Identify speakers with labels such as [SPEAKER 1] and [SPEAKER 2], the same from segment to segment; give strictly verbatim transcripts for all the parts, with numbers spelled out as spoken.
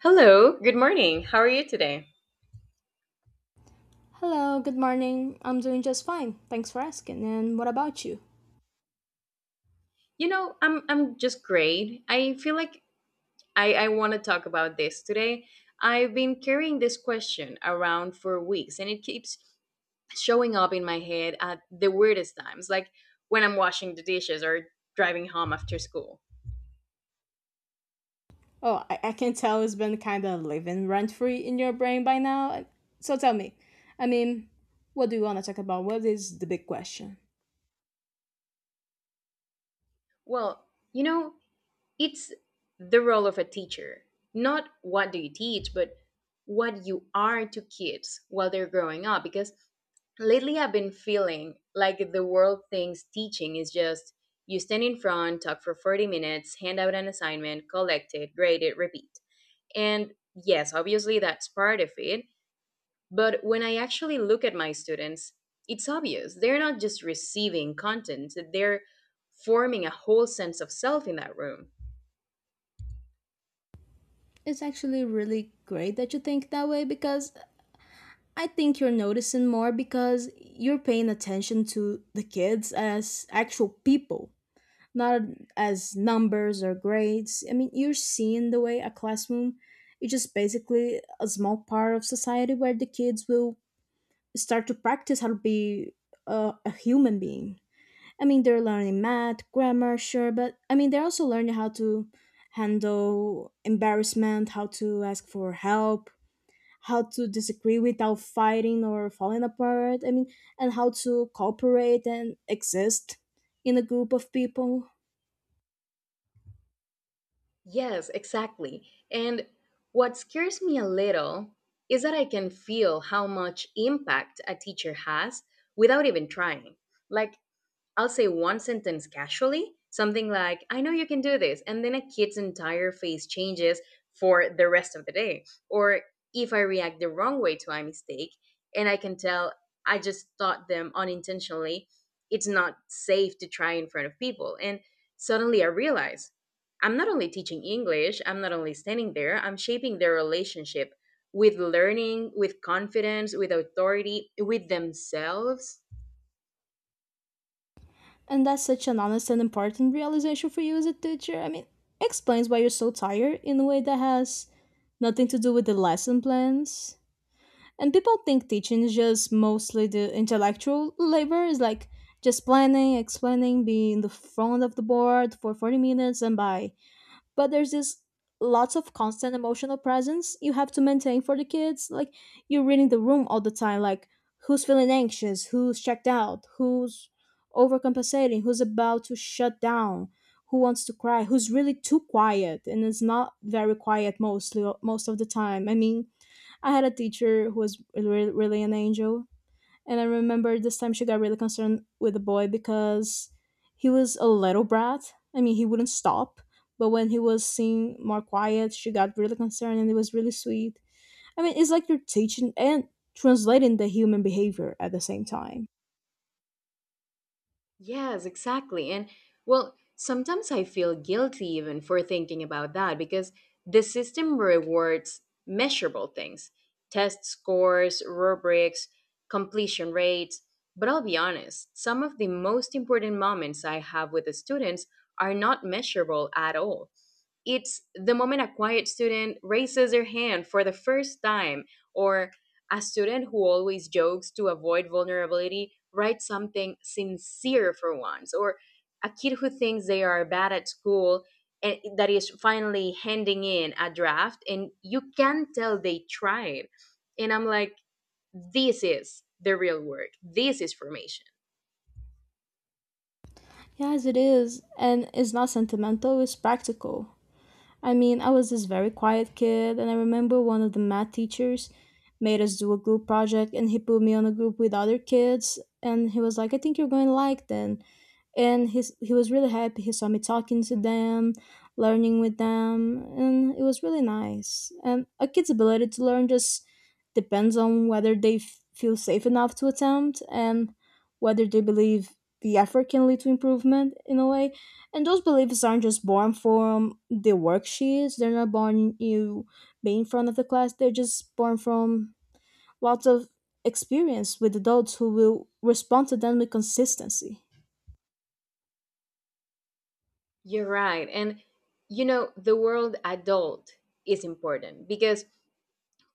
[SPEAKER 1] Hello, good morning. How are you today?
[SPEAKER 2] Hello, good morning. I'm doing just fine. Thanks for asking. And what about you?
[SPEAKER 1] You know, I'm I'm just great. I feel like I I want to talk about this today. I've been carrying this question around for weeks, and it keeps showing up in my head at the weirdest times, like when I'm washing the dishes or driving home after school.
[SPEAKER 2] Oh, I, I can tell it's been kind of living rent free in your brain by now. So tell me, I mean, what do you want to talk about? What is the big question?
[SPEAKER 1] Well, you know, It's the role of a teacher, not what do you teach, but what you are to kids while they're growing up. Because lately I've been feeling like the world thinks teaching is just you stand in front, talk for forty minutes, hand out an assignment, collect it, grade it, repeat. And yes, obviously that's part of it. But when I actually look at my students, it's obvious. They're not just receiving content, they're forming a whole sense of self in that room.
[SPEAKER 2] It's actually really great that you think that way because I think you're noticing more because you're paying attention to the kids as actual people, not as numbers or grades. I mean, you're seeing the way a classroom is just basically a small part of society where the kids will start to practice how to be a, a human being. I mean, they're learning math, grammar, sure, but I mean, they're also learning how to handle embarrassment, how to ask for help, how to disagree without fighting or falling apart. I mean, and how to cooperate and exist in a group of people.
[SPEAKER 1] Yes, exactly. And what scares me a little is that I can feel how much impact a teacher has without even trying. Like I'll say one sentence casually, something like, "I know you can do this." And then a kid's entire face changes for the rest of the day. Or if I react the wrong way to a mistake, and I can tell I just taught them unintentionally, it's not safe to try in front of people. And suddenly I realize I'm not only teaching English, I'm not only standing there, I'm shaping their relationship with learning, with confidence, with authority, with themselves.
[SPEAKER 2] And that's such an honest and important realization for you as a teacher. I mean, explains why you're so tired in a way that has nothing to do with the lesson plans. And people think teaching is just mostly the intellectual labor, is like just planning, explaining, being in the front of the board for forty minutes, and by but there's this lots of constant emotional presence you have to maintain for the kids, like you're reading the room all the time, like who's feeling anxious, who's checked out, who's overcompensating, who's about to shut down, who wants to cry, who's really too quiet and is not very quiet mostly most of the time. I mean I had a teacher who was really, really an angel, and I remember this time she got really concerned with the boy because he was a little brat. I mean, he wouldn't stop. But when he was seen more quiet, she got really concerned and it was really sweet. I mean, it's like you're teaching and translating the human behavior at the same time.
[SPEAKER 1] Yes, exactly. And well, sometimes I feel guilty even for thinking about that because the system rewards measurable things, test scores, rubrics, completion rates. But I'll be honest, some of the most important moments I have with the students are not measurable at all. It's the moment a quiet student raises their hand for the first time, or a student who always jokes to avoid vulnerability writes something sincere for once, or a kid who thinks they are bad at school and that is finally handing in a draft, and you can tell they tried. And I'm like, this is the real work, this is formation.
[SPEAKER 2] Yes, it is. And it's not sentimental, it's practical. I mean, I was this very quiet kid, and I remember one of the math teachers made us do a group project, and he put me on a group with other kids, and he was like, "I think you're going to like them," and he's, he was really happy. He saw me talking to them, learning with them, and it was really nice. And a kid's ability to learn just depends on whether they f- feel safe enough to attempt and whether they believe the effort can lead to improvement in a way, and those beliefs aren't just born from the worksheets. They're not born you being in front of the class. They're just born from lots of experience with adults who will respond to them with consistency.
[SPEAKER 1] You're right. And you know, the world adult is important because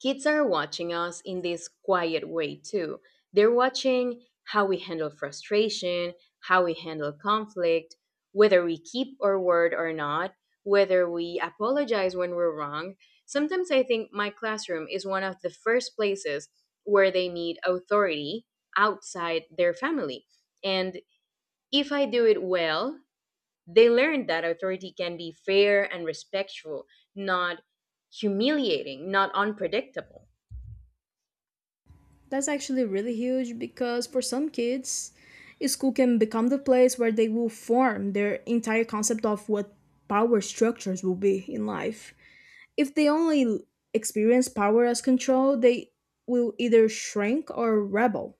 [SPEAKER 1] kids are watching us in this quiet way too. They're watching how we handle frustration, how we handle conflict, whether we keep our word or not, whether we apologize when we're wrong. Sometimes I think my classroom is one of the first places where they meet authority outside their family. And if I do it well, they learn that authority can be fair and respectful, not humiliating, not unpredictable.
[SPEAKER 2] That's actually really huge because for some kids, school can become the place where they will form their entire concept of what power structures will be in life. If they only experience power as control, they will either shrink or rebel.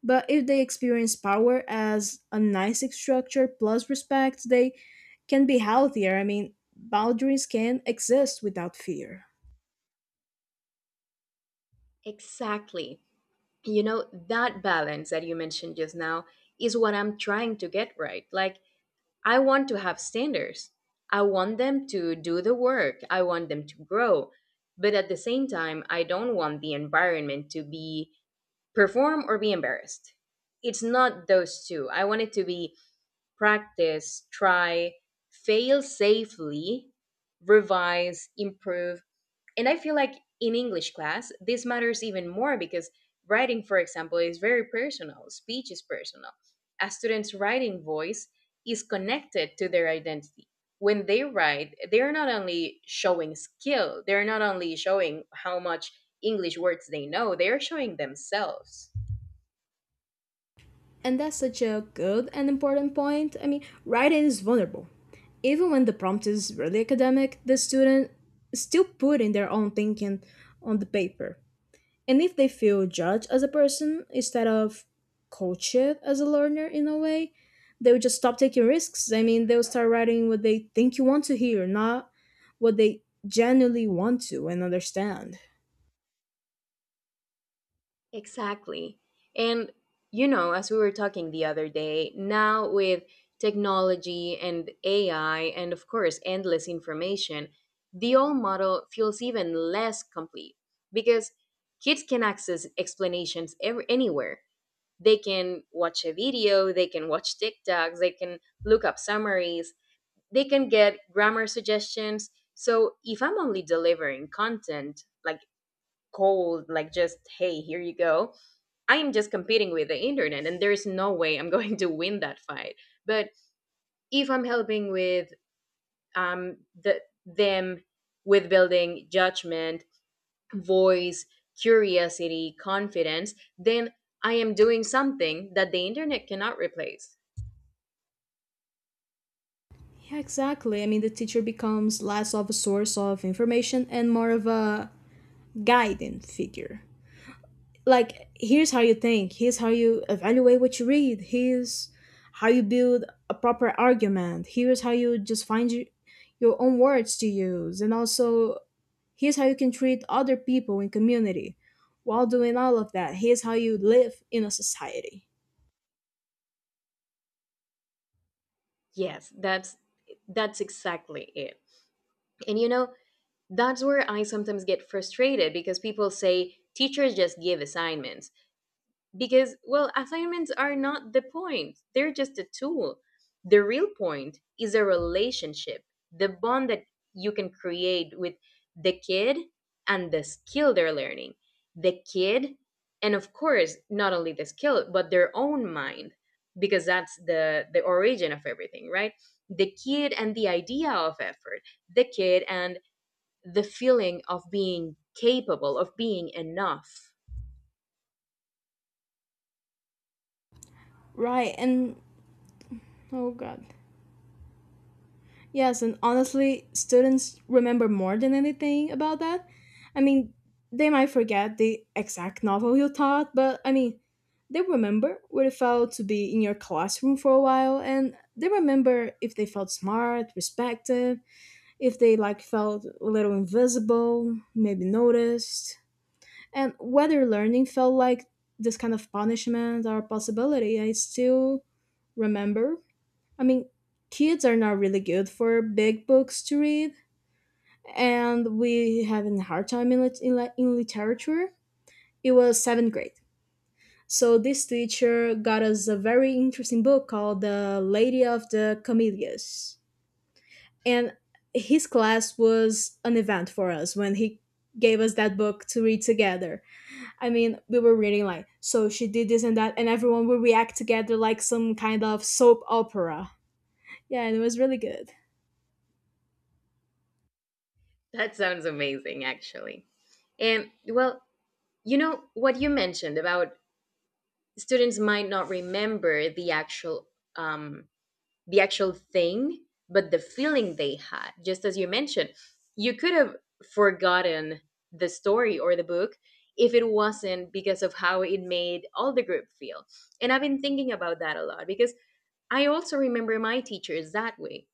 [SPEAKER 2] But if they experience power as a nice structure plus respect, they can be healthier. I mean, boundaries can exist without fear.
[SPEAKER 1] Exactly. You know, that balance that you mentioned just now is what I'm trying to get right. Like, I want to have standards. I want them to do the work. I want them to grow. But at the same time, I don't want the environment to be perform or be embarrassed. It's not those two. I want it to be practice, try, fail safely, revise, improve, and I feel like in English class, this matters even more because writing, for example, is very personal, speech is personal. A student's writing voice is connected to their identity. When they write, they're not only showing skill, they're not only showing how much English words they know, they're showing themselves.
[SPEAKER 2] And that's such a good and important point. I mean, writing is vulnerable. Even when the prompt is really academic, the student still put in their own thinking on the paper, and if they feel judged as a person instead of coached as a learner in a way, they would just stop taking risks. I mean, they'll start writing what they think you want to hear, not what they genuinely want to and understand.
[SPEAKER 1] Exactly. And you know, as we were talking the other day, now with technology and A I, and of course, endless information, the old model feels even less complete because kids can access explanations ev- anywhere. They can watch a video, they can watch TikToks, they can look up summaries, they can get grammar suggestions. So if I'm only delivering content like cold, like just, hey, here you go, I am just competing with the internet, and there is no way I'm going to win that fight. But if I'm helping with um, the, them with building judgment, voice, curiosity, confidence, then I am doing something that the internet cannot replace.
[SPEAKER 2] Yeah, exactly. I mean, the teacher becomes less of a source of information and more of a guiding figure, like here's how you think, here's how you evaluate what you read, here's how you build a proper argument, here's how you just find your, your own words to use, and also here's how you can treat other people in community while doing all of that, here's how you live in a society.
[SPEAKER 1] Yes, that's that's exactly it. And you know, that's where I sometimes get frustrated because people say teachers just give assignments. Because well, assignments are not the point, they're just a tool. The real point is a relationship, the bond that you can create with the kid and the skill they're learning, the kid and of course not only the skill but their own mind, because that's the the origin of everything, right? The kid and the idea of effort, the kid and the feeling of being capable, of being enough.
[SPEAKER 2] Right. And oh god. Yes, and honestly, students remember more than anything about that. I mean, they might forget the exact novel you taught, but I mean, they remember what it felt to be in your classroom for a while, and they remember if they felt smart, respected, if they like felt a little invisible, maybe noticed, and whether learning felt like this kind of punishment or possibility. I still remember, I mean, kids are not really good for big books to read, and we having a hard time in, lit- in, li- in literature. It was seventh grade. So this teacher got us a very interesting book called The Lady of the Camellias. And his class was an event for us when he gave us that book to read together. I mean, we were reading like, so she did this and that, and everyone would react together like some kind of soap opera. Yeah, and it was really good.
[SPEAKER 1] That sounds amazing actually. Um, well, you know what you mentioned about students might not remember the actual um, the actual thing, but the feeling they had. Just as you mentioned, you could have forgotten the story or the book if it wasn't because of how it made all the group feel. And I've been thinking about that a lot because I also remember my teachers that way.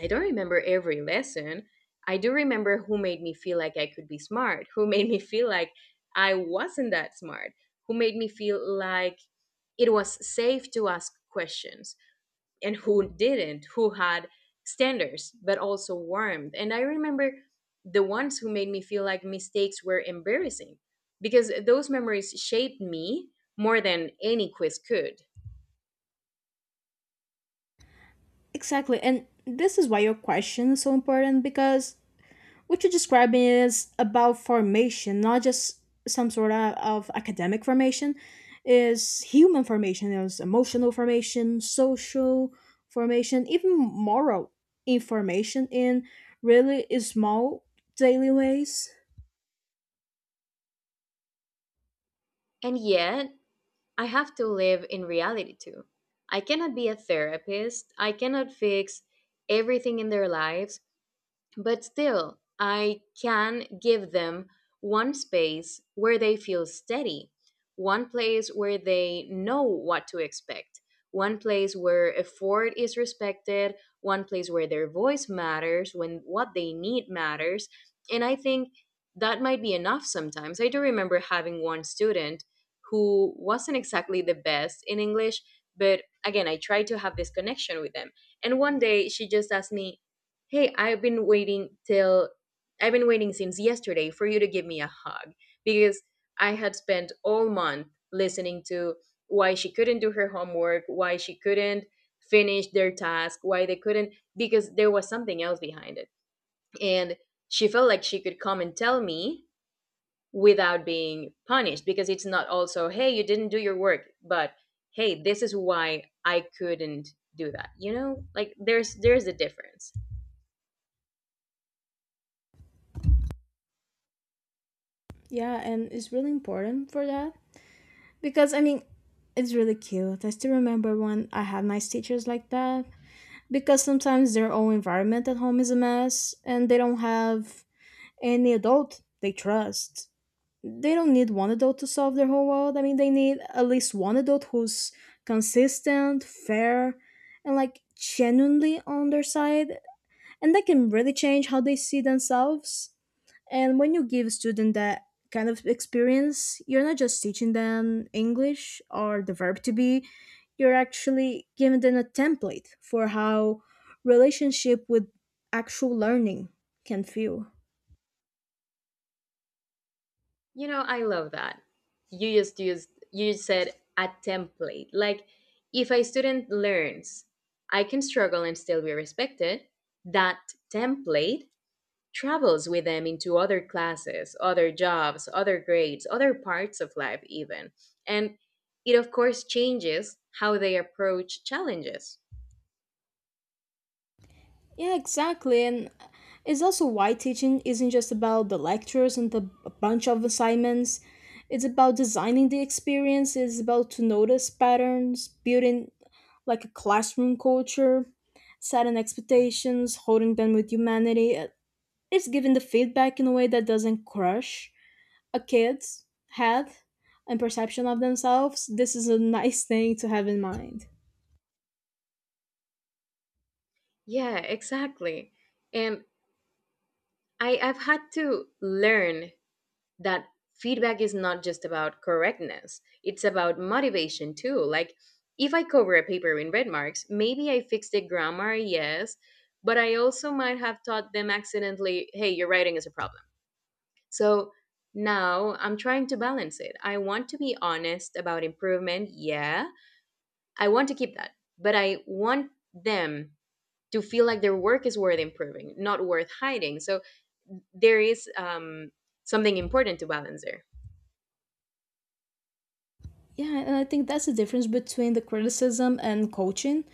[SPEAKER 1] I don't remember every lesson. I do remember who made me feel like I could be smart, who made me feel like I wasn't that smart, who made me feel like it was safe to ask questions, and who didn't, who had standards, but also warmth. And I remember the ones who made me feel like mistakes were embarrassing, because those memories shaped me more than any quiz could.
[SPEAKER 2] Exactly. And this is why your question is so important because what you're describing is about formation, not just some sort of, of academic formation, is human formation, there's emotional formation, social formation, even moral information in really small daily ways.
[SPEAKER 1] And yet, I have to live in reality too. I cannot be a therapist. I cannot fix everything in their lives, but still, I can give them one space where they feel steady, one place where they know what to expect, one place where effort is respected, one place where their voice matters, when what they need matters. And I think that might be enough sometimes. I do remember having one student who wasn't exactly the best in English, but again, I tried to have this connection with them. And one day she just asked me, "Hey, I've been waiting till I've been waiting since yesterday for you to give me a hug," because I had spent all month listening to why she couldn't do her homework, why she couldn't finish their task, why they couldn't, because there was something else behind it. And she felt like she could come and tell me without being punished, because it's not also, hey, you didn't do your work, but hey, this is why I couldn't do that. You know? Like there's there's a difference.
[SPEAKER 2] Yeah, and it's really important for that. Because I mean, it's really cute. I still remember when I had nice teachers like that because sometimes their own environment at home is a mess and they don't have any adult they trust. They don't need one adult to solve their whole world. I mean, they need at least one adult who's consistent, fair, and like genuinely on their side, and that can really change how they see themselves. And when you give students that kind of experience, you're not just teaching them English or the verb to be, you're actually giving them a template for how relationship with actual learning can feel.
[SPEAKER 1] You know, I love that. You just used you just said a template. Like if a student learns I can struggle and still be respected, that template travels with them into other classes, other jobs, other grades, other parts of life even. And it of course changes how they approach challenges.
[SPEAKER 2] Yeah, exactly. And it's also why teaching isn't just about the lectures and the a bunch of assignments. It's about designing the experience, it's about to notice patterns, building like a classroom culture, setting expectations, holding them with humanity. Uh, It's giving the feedback in a way that doesn't crush a kid's head and perception of themselves. This is a nice thing to have in mind.
[SPEAKER 1] Yeah, exactly. And I, I've had to learn that feedback is not just about correctness, it's about motivation too. Like, if I cover a paper in red marks, maybe I fixed the grammar, yes, but I also might have taught them accidentally, hey, your writing is a problem. So now I'm trying to balance it. I want to be honest about improvement, yeah. I want to keep that, but I want them to feel like their work is worth improving, not worth hiding. So there is um, something important to balance there.
[SPEAKER 2] Yeah, and I think that's the difference between the criticism and coaching.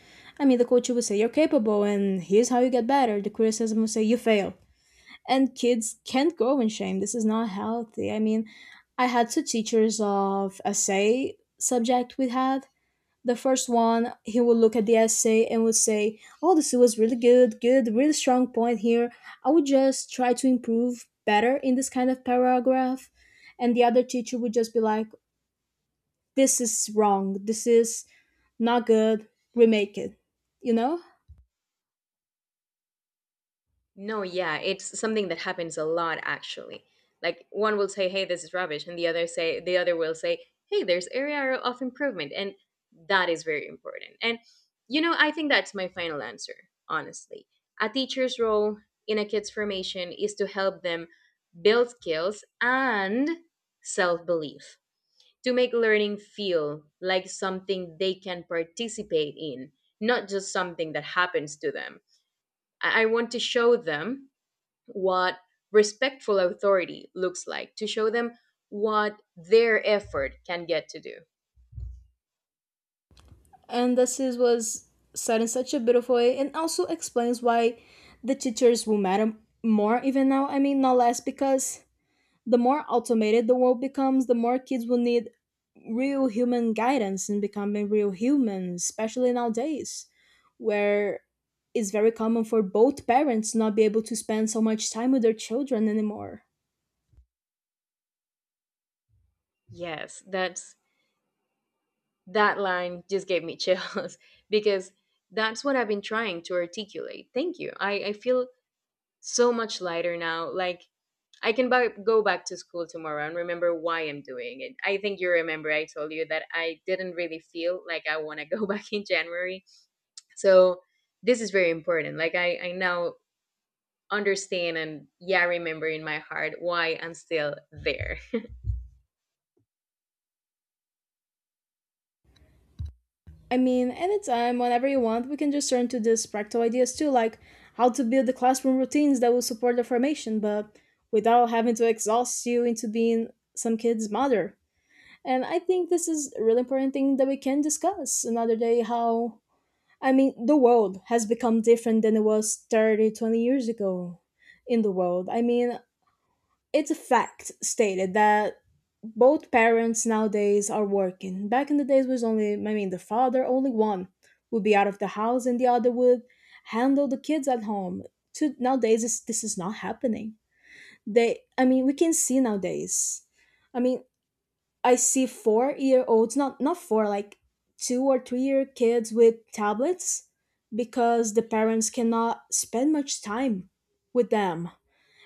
[SPEAKER 2] I mean, the coach will say, "You're capable, and here's how you get better." The criticism will say, "You fail." And kids can't grow in shame. This is not healthy. I mean, I had two teachers of essay subject we had. The first one, he would look at the essay and would say, "Oh, this was really good, good, really strong point here. I would just try to improve better in this kind of paragraph." And the other teacher would just be like, "this is wrong, this is not good, remake it," you know?
[SPEAKER 1] No, yeah, it's something that happens a lot actually. Like one will say, "Hey, this is rubbish," and the other say the other will say, "Hey, there's area of improvement." And that is very important. And you know, I think that's my final answer, honestly. A teacher's role in a kid's formation is to help them build skills and self-belief, to make learning feel like something they can participate in, not just something that happens to them. I I want to show them what respectful authority looks like, to show them what their effort can get to do.
[SPEAKER 2] And this is, was said in such a beautiful way and also explains why the teachers will matter more even now, I mean, not less, because the more automated the world becomes, the more kids will need real human guidance in becoming real humans, especially nowadays, where it's very common for both parents not be able to spend so much time with their children anymore.
[SPEAKER 1] Yes, that's that line just gave me chills because that's what I've been trying to articulate. Thank you. I, I feel so much lighter now. Like I can buy, go back to school tomorrow and remember why I'm doing it. I think you remember I told you that I didn't really feel like I want to go back in January. So this is very important. Like I, I now understand and, yeah, remember in my heart why I'm still there.
[SPEAKER 2] I mean, anytime, whenever you want, we can just turn to these practical ideas too, like how to build the classroom routines that will support the formation, but without having to exhaust you into being some kid's mother. And I think this is a really important thing that we can discuss another day. How, I mean, the world has become different than it was thirty, twenty years ago in the world. I mean, it's a fact stated that both parents nowadays are working. Back in the days was only, I mean the father only one would be out of the house and the other would handle the kids at home. To nowadays this, this is not happening. They I mean we can see nowadays. I mean, I see four year olds, not not four like two or three year kids with tablets because the parents cannot spend much time with them,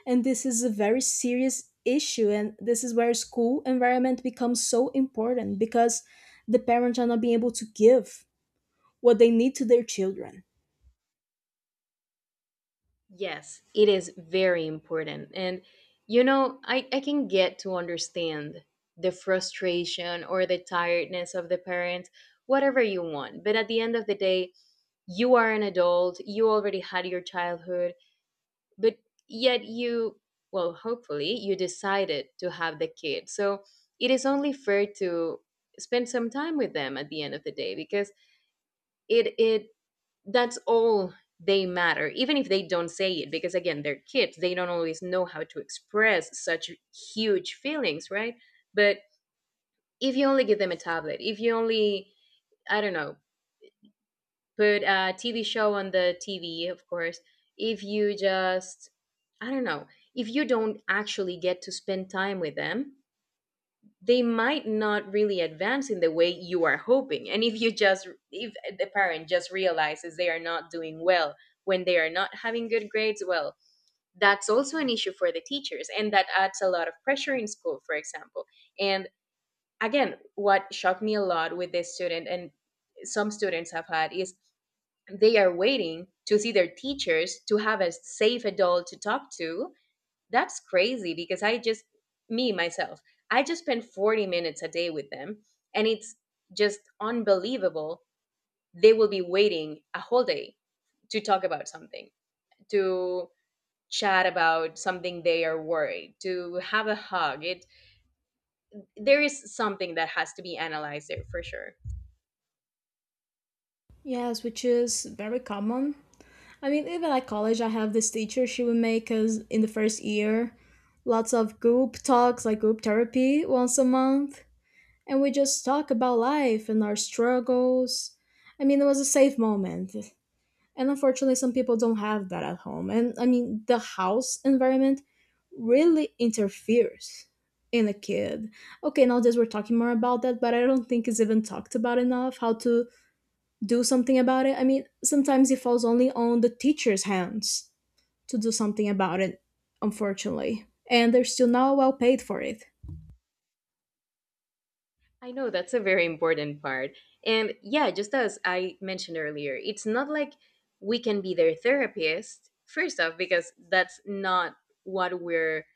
[SPEAKER 2] and this is a very serious issue. And this is where school environment becomes so important because the parents are not being able to give what they need to their children.
[SPEAKER 1] Yes, it is very important. And you know, I, I can get to understand the frustration or the tiredness of the parents, whatever you want. But at the end of the day, you are an adult, you already had your childhood, but yet you, well, hopefully, you decided to have the kid. So it is only fair to spend some time with them at the end of the day because it it that's all they matter, even if they don't say it, because again, they're kids, they don't always know how to express such huge feelings, right? But if you only give them a tablet, if you only, i don't know put a TV show on the TV, of course. If you just, i don't know if you don't actually get to spend time with them, they might not really advance in the way you are hoping. And if you just, if the parent just realizes they are not doing well, when they are not having good grades, well, that's also an issue for the teachers, and that adds a lot of pressure in school, for example. And again, what shocked me a lot with this student, and some students have had, is they are waiting to see their teachers to have a safe adult to talk to. That's crazy, because I just, me, myself, I just spend forty minutes a day with them. And it's just unbelievable. They will be waiting a whole day to talk about something, to chat about something they are worried, to have a hug. It there is something that has to be analyzed there, for sure.
[SPEAKER 2] Yes, which is very common. I mean, even at college, I have this teacher. She would make us in the first year lots of group talks, like group therapy once a month. And we just talk about life and our struggles. I mean, it was a safe moment. And unfortunately, some people don't have that at home. And I mean, the house environment really interferes in a kid. Okay, nowadays we're talking more about that, but I don't think it's even talked about enough how to do something about it. I mean, sometimes it falls only on the teacher's hands to do something about it, unfortunately. And they're still not well paid for it.
[SPEAKER 1] I know, that's a very important part. And yeah, just as I mentioned earlier, it's not like we can be their therapist, first off, because that's not what we're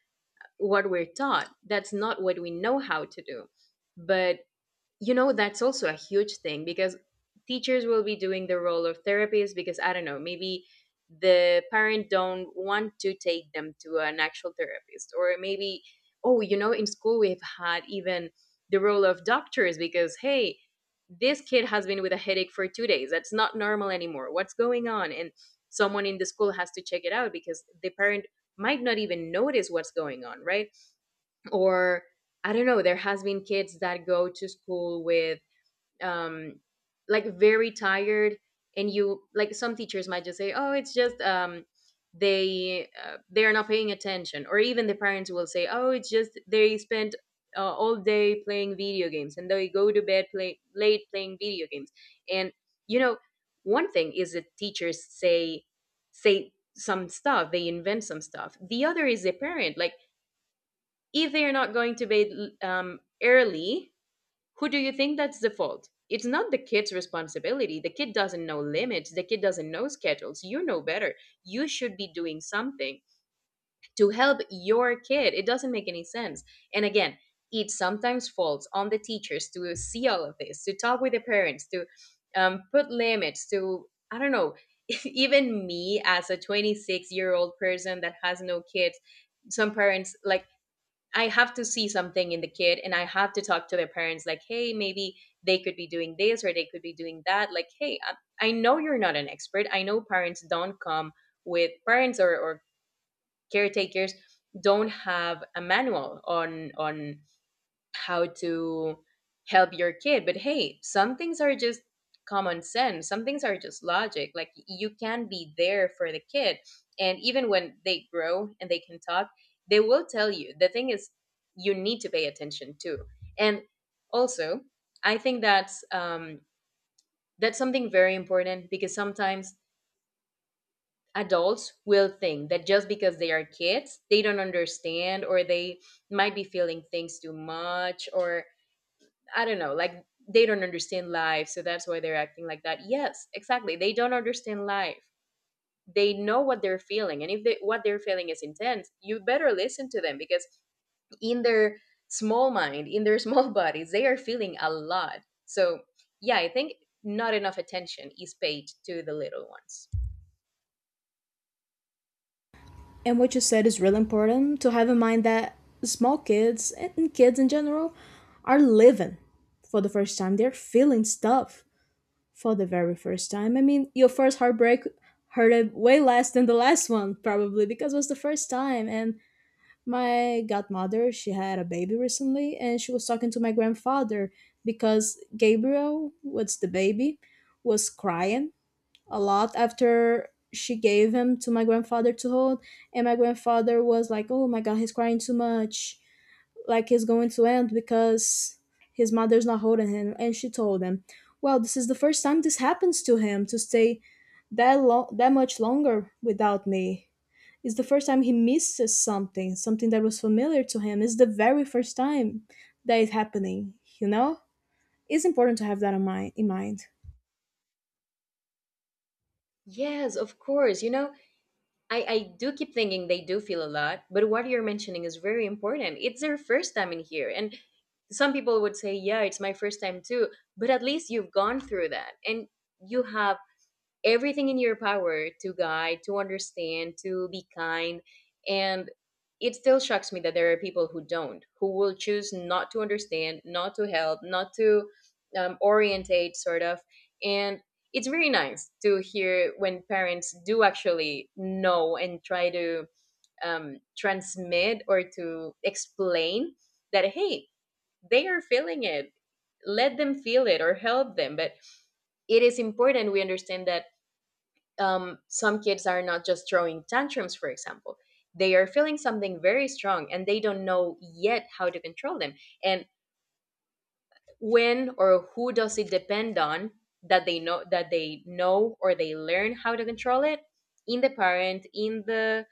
[SPEAKER 1] what we're taught. That's not what we know how to do. But you know, that's also a huge thing, because teachers will be doing the role of therapists because, i don't know maybe the parent don't want to take them to an actual therapist, or maybe, oh, you know, in school we've had even the role of doctors, because hey, this kid has been with a headache for two days, that's not normal anymore, what's going on? And someone in the school has to check it out, because the parent might not even notice what's going on, right? Or I don't know, there has been kids that go to school with um, like, very tired. And you, like, some teachers might just say, oh, it's just um, they uh, they are not paying attention. Or even the parents will say, oh, it's just they spent uh, all day playing video games, and they go to bed play, late playing video games. And you know, one thing is that teachers say say some stuff, they invent some stuff, the other is the parent, like, if they are not going to bed um, early, who do you think that's the fault? It's not the kid's responsibility. The kid doesn't know limits. The kid doesn't know schedules. You know better. You should be doing something to help your kid. It doesn't make any sense. And again, it sometimes falls on the teachers to see all of this, to talk with the parents, to um, put limits, to, I don't know, even me as a twenty-six year old person that has no kids, some parents, like, I have to see something in the kid and I have to talk to their parents, like, hey, maybe they could be doing this or they could be doing that. Like, hey, I, I know you're not an expert. I know parents don't come with parents, or, or caretakers don't have a manual on on how to help your kid. But hey, some things are just common sense, some things are just logic. Like, you can be there for the kid, and even when they grow and they can talk, they will tell you. The thing is, you need to pay attention too. And also, I think that's um that's something very important, because sometimes adults will think that just because they are kids, they don't understand, or they might be feeling things too much, or I don't know, like they don't understand life, so that's why they're acting like that. Yes, exactly. They don't understand life. They know what they're feeling, and if they, what they're feeling is intense, you better listen to them, because in their small mind, in their small bodies, they are feeling a lot. So, yeah, I think not enough attention is paid to the little ones.
[SPEAKER 2] And what you said is really important to have in mind, that small kids and kids in general are living for the first time. They're feeling stuff for the very first time. I mean, your first heartbreak hurted way less than the last one, probably, because it was the first time. And my godmother, she had a baby recently, and she was talking to my grandfather because Gabriel, what's the baby, was crying a lot after she gave him to my grandfather to hold, and my grandfather was like, "oh my god, he's crying too much, like he's going to end because his mother's not holding him." And she told him, "well, this is the first time this happens to him, to stay that long, that much longer without me. It's the first time he misses something, something that was familiar to him. It's the very first time that it's happening, you know. It's important to have that in mind in mind
[SPEAKER 1] Yes, of course. You know, I, I do keep thinking they do feel a lot, but what you're mentioning is very important. It's their first time in here. And some people would say, yeah, it's my first time too. But at least you've gone through that, and you have everything in your power to guide, to understand, to be kind. And it still shocks me that there are people who don't, who will choose not to understand, not to help, not to um, orientate, sort of. And it's very nice to hear when parents do actually know and try to um, transmit or to explain that, hey, they are feeling it. Let them feel it, or help them. But it is important we understand that um, some kids are not just throwing tantrums, for example. They are feeling something very strong and they don't know yet how to control them. And when or who does it depend on that they know that they know or they learn how to control it? In the parent, in the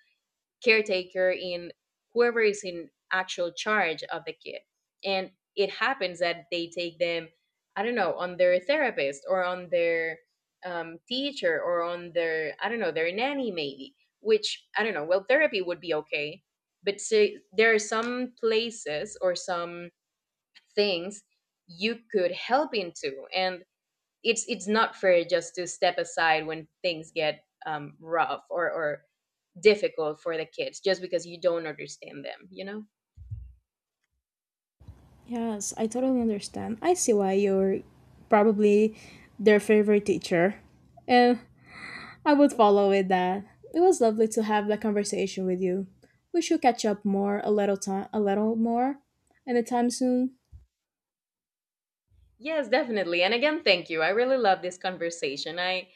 [SPEAKER 1] caretaker, in whoever is in actual charge of the kid. And it happens that they take them, I don't know, on their therapist, or on their um, teacher, or on their, I don't know, their nanny maybe, which, I don't know, well, therapy would be okay. But say, there are some places or some things you could help into. And it's it's not fair just to step aside when things get um, rough, or or difficult for the kids, just because you don't understand them, you know?
[SPEAKER 2] Yes, I totally understand. I see why you're probably their favorite teacher. And I would follow with that. It was lovely to have that conversation with you. We should catch up more a little time a little more anytime soon.
[SPEAKER 1] Yes, definitely. And again, thank you. I really love this conversation. I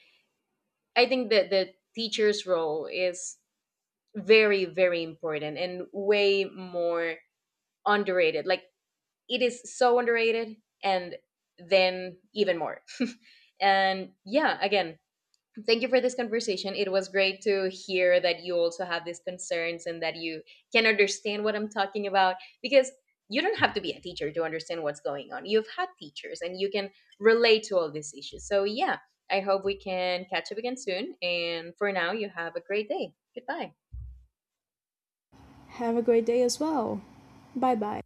[SPEAKER 1] I think that the teacher's role is very, very important, and way more underrated. Like, it is so underrated, and then even more. And yeah, again, thank you for this conversation. It was great to hear that you also have these concerns, and that you can understand what I'm talking about, because you don't have to be a teacher to understand what's going on. You've had teachers and you can relate to all these issues. So, yeah, I hope we can catch up again soon. And for now, you have a great day. Goodbye.
[SPEAKER 2] Have a great day as well. Bye bye.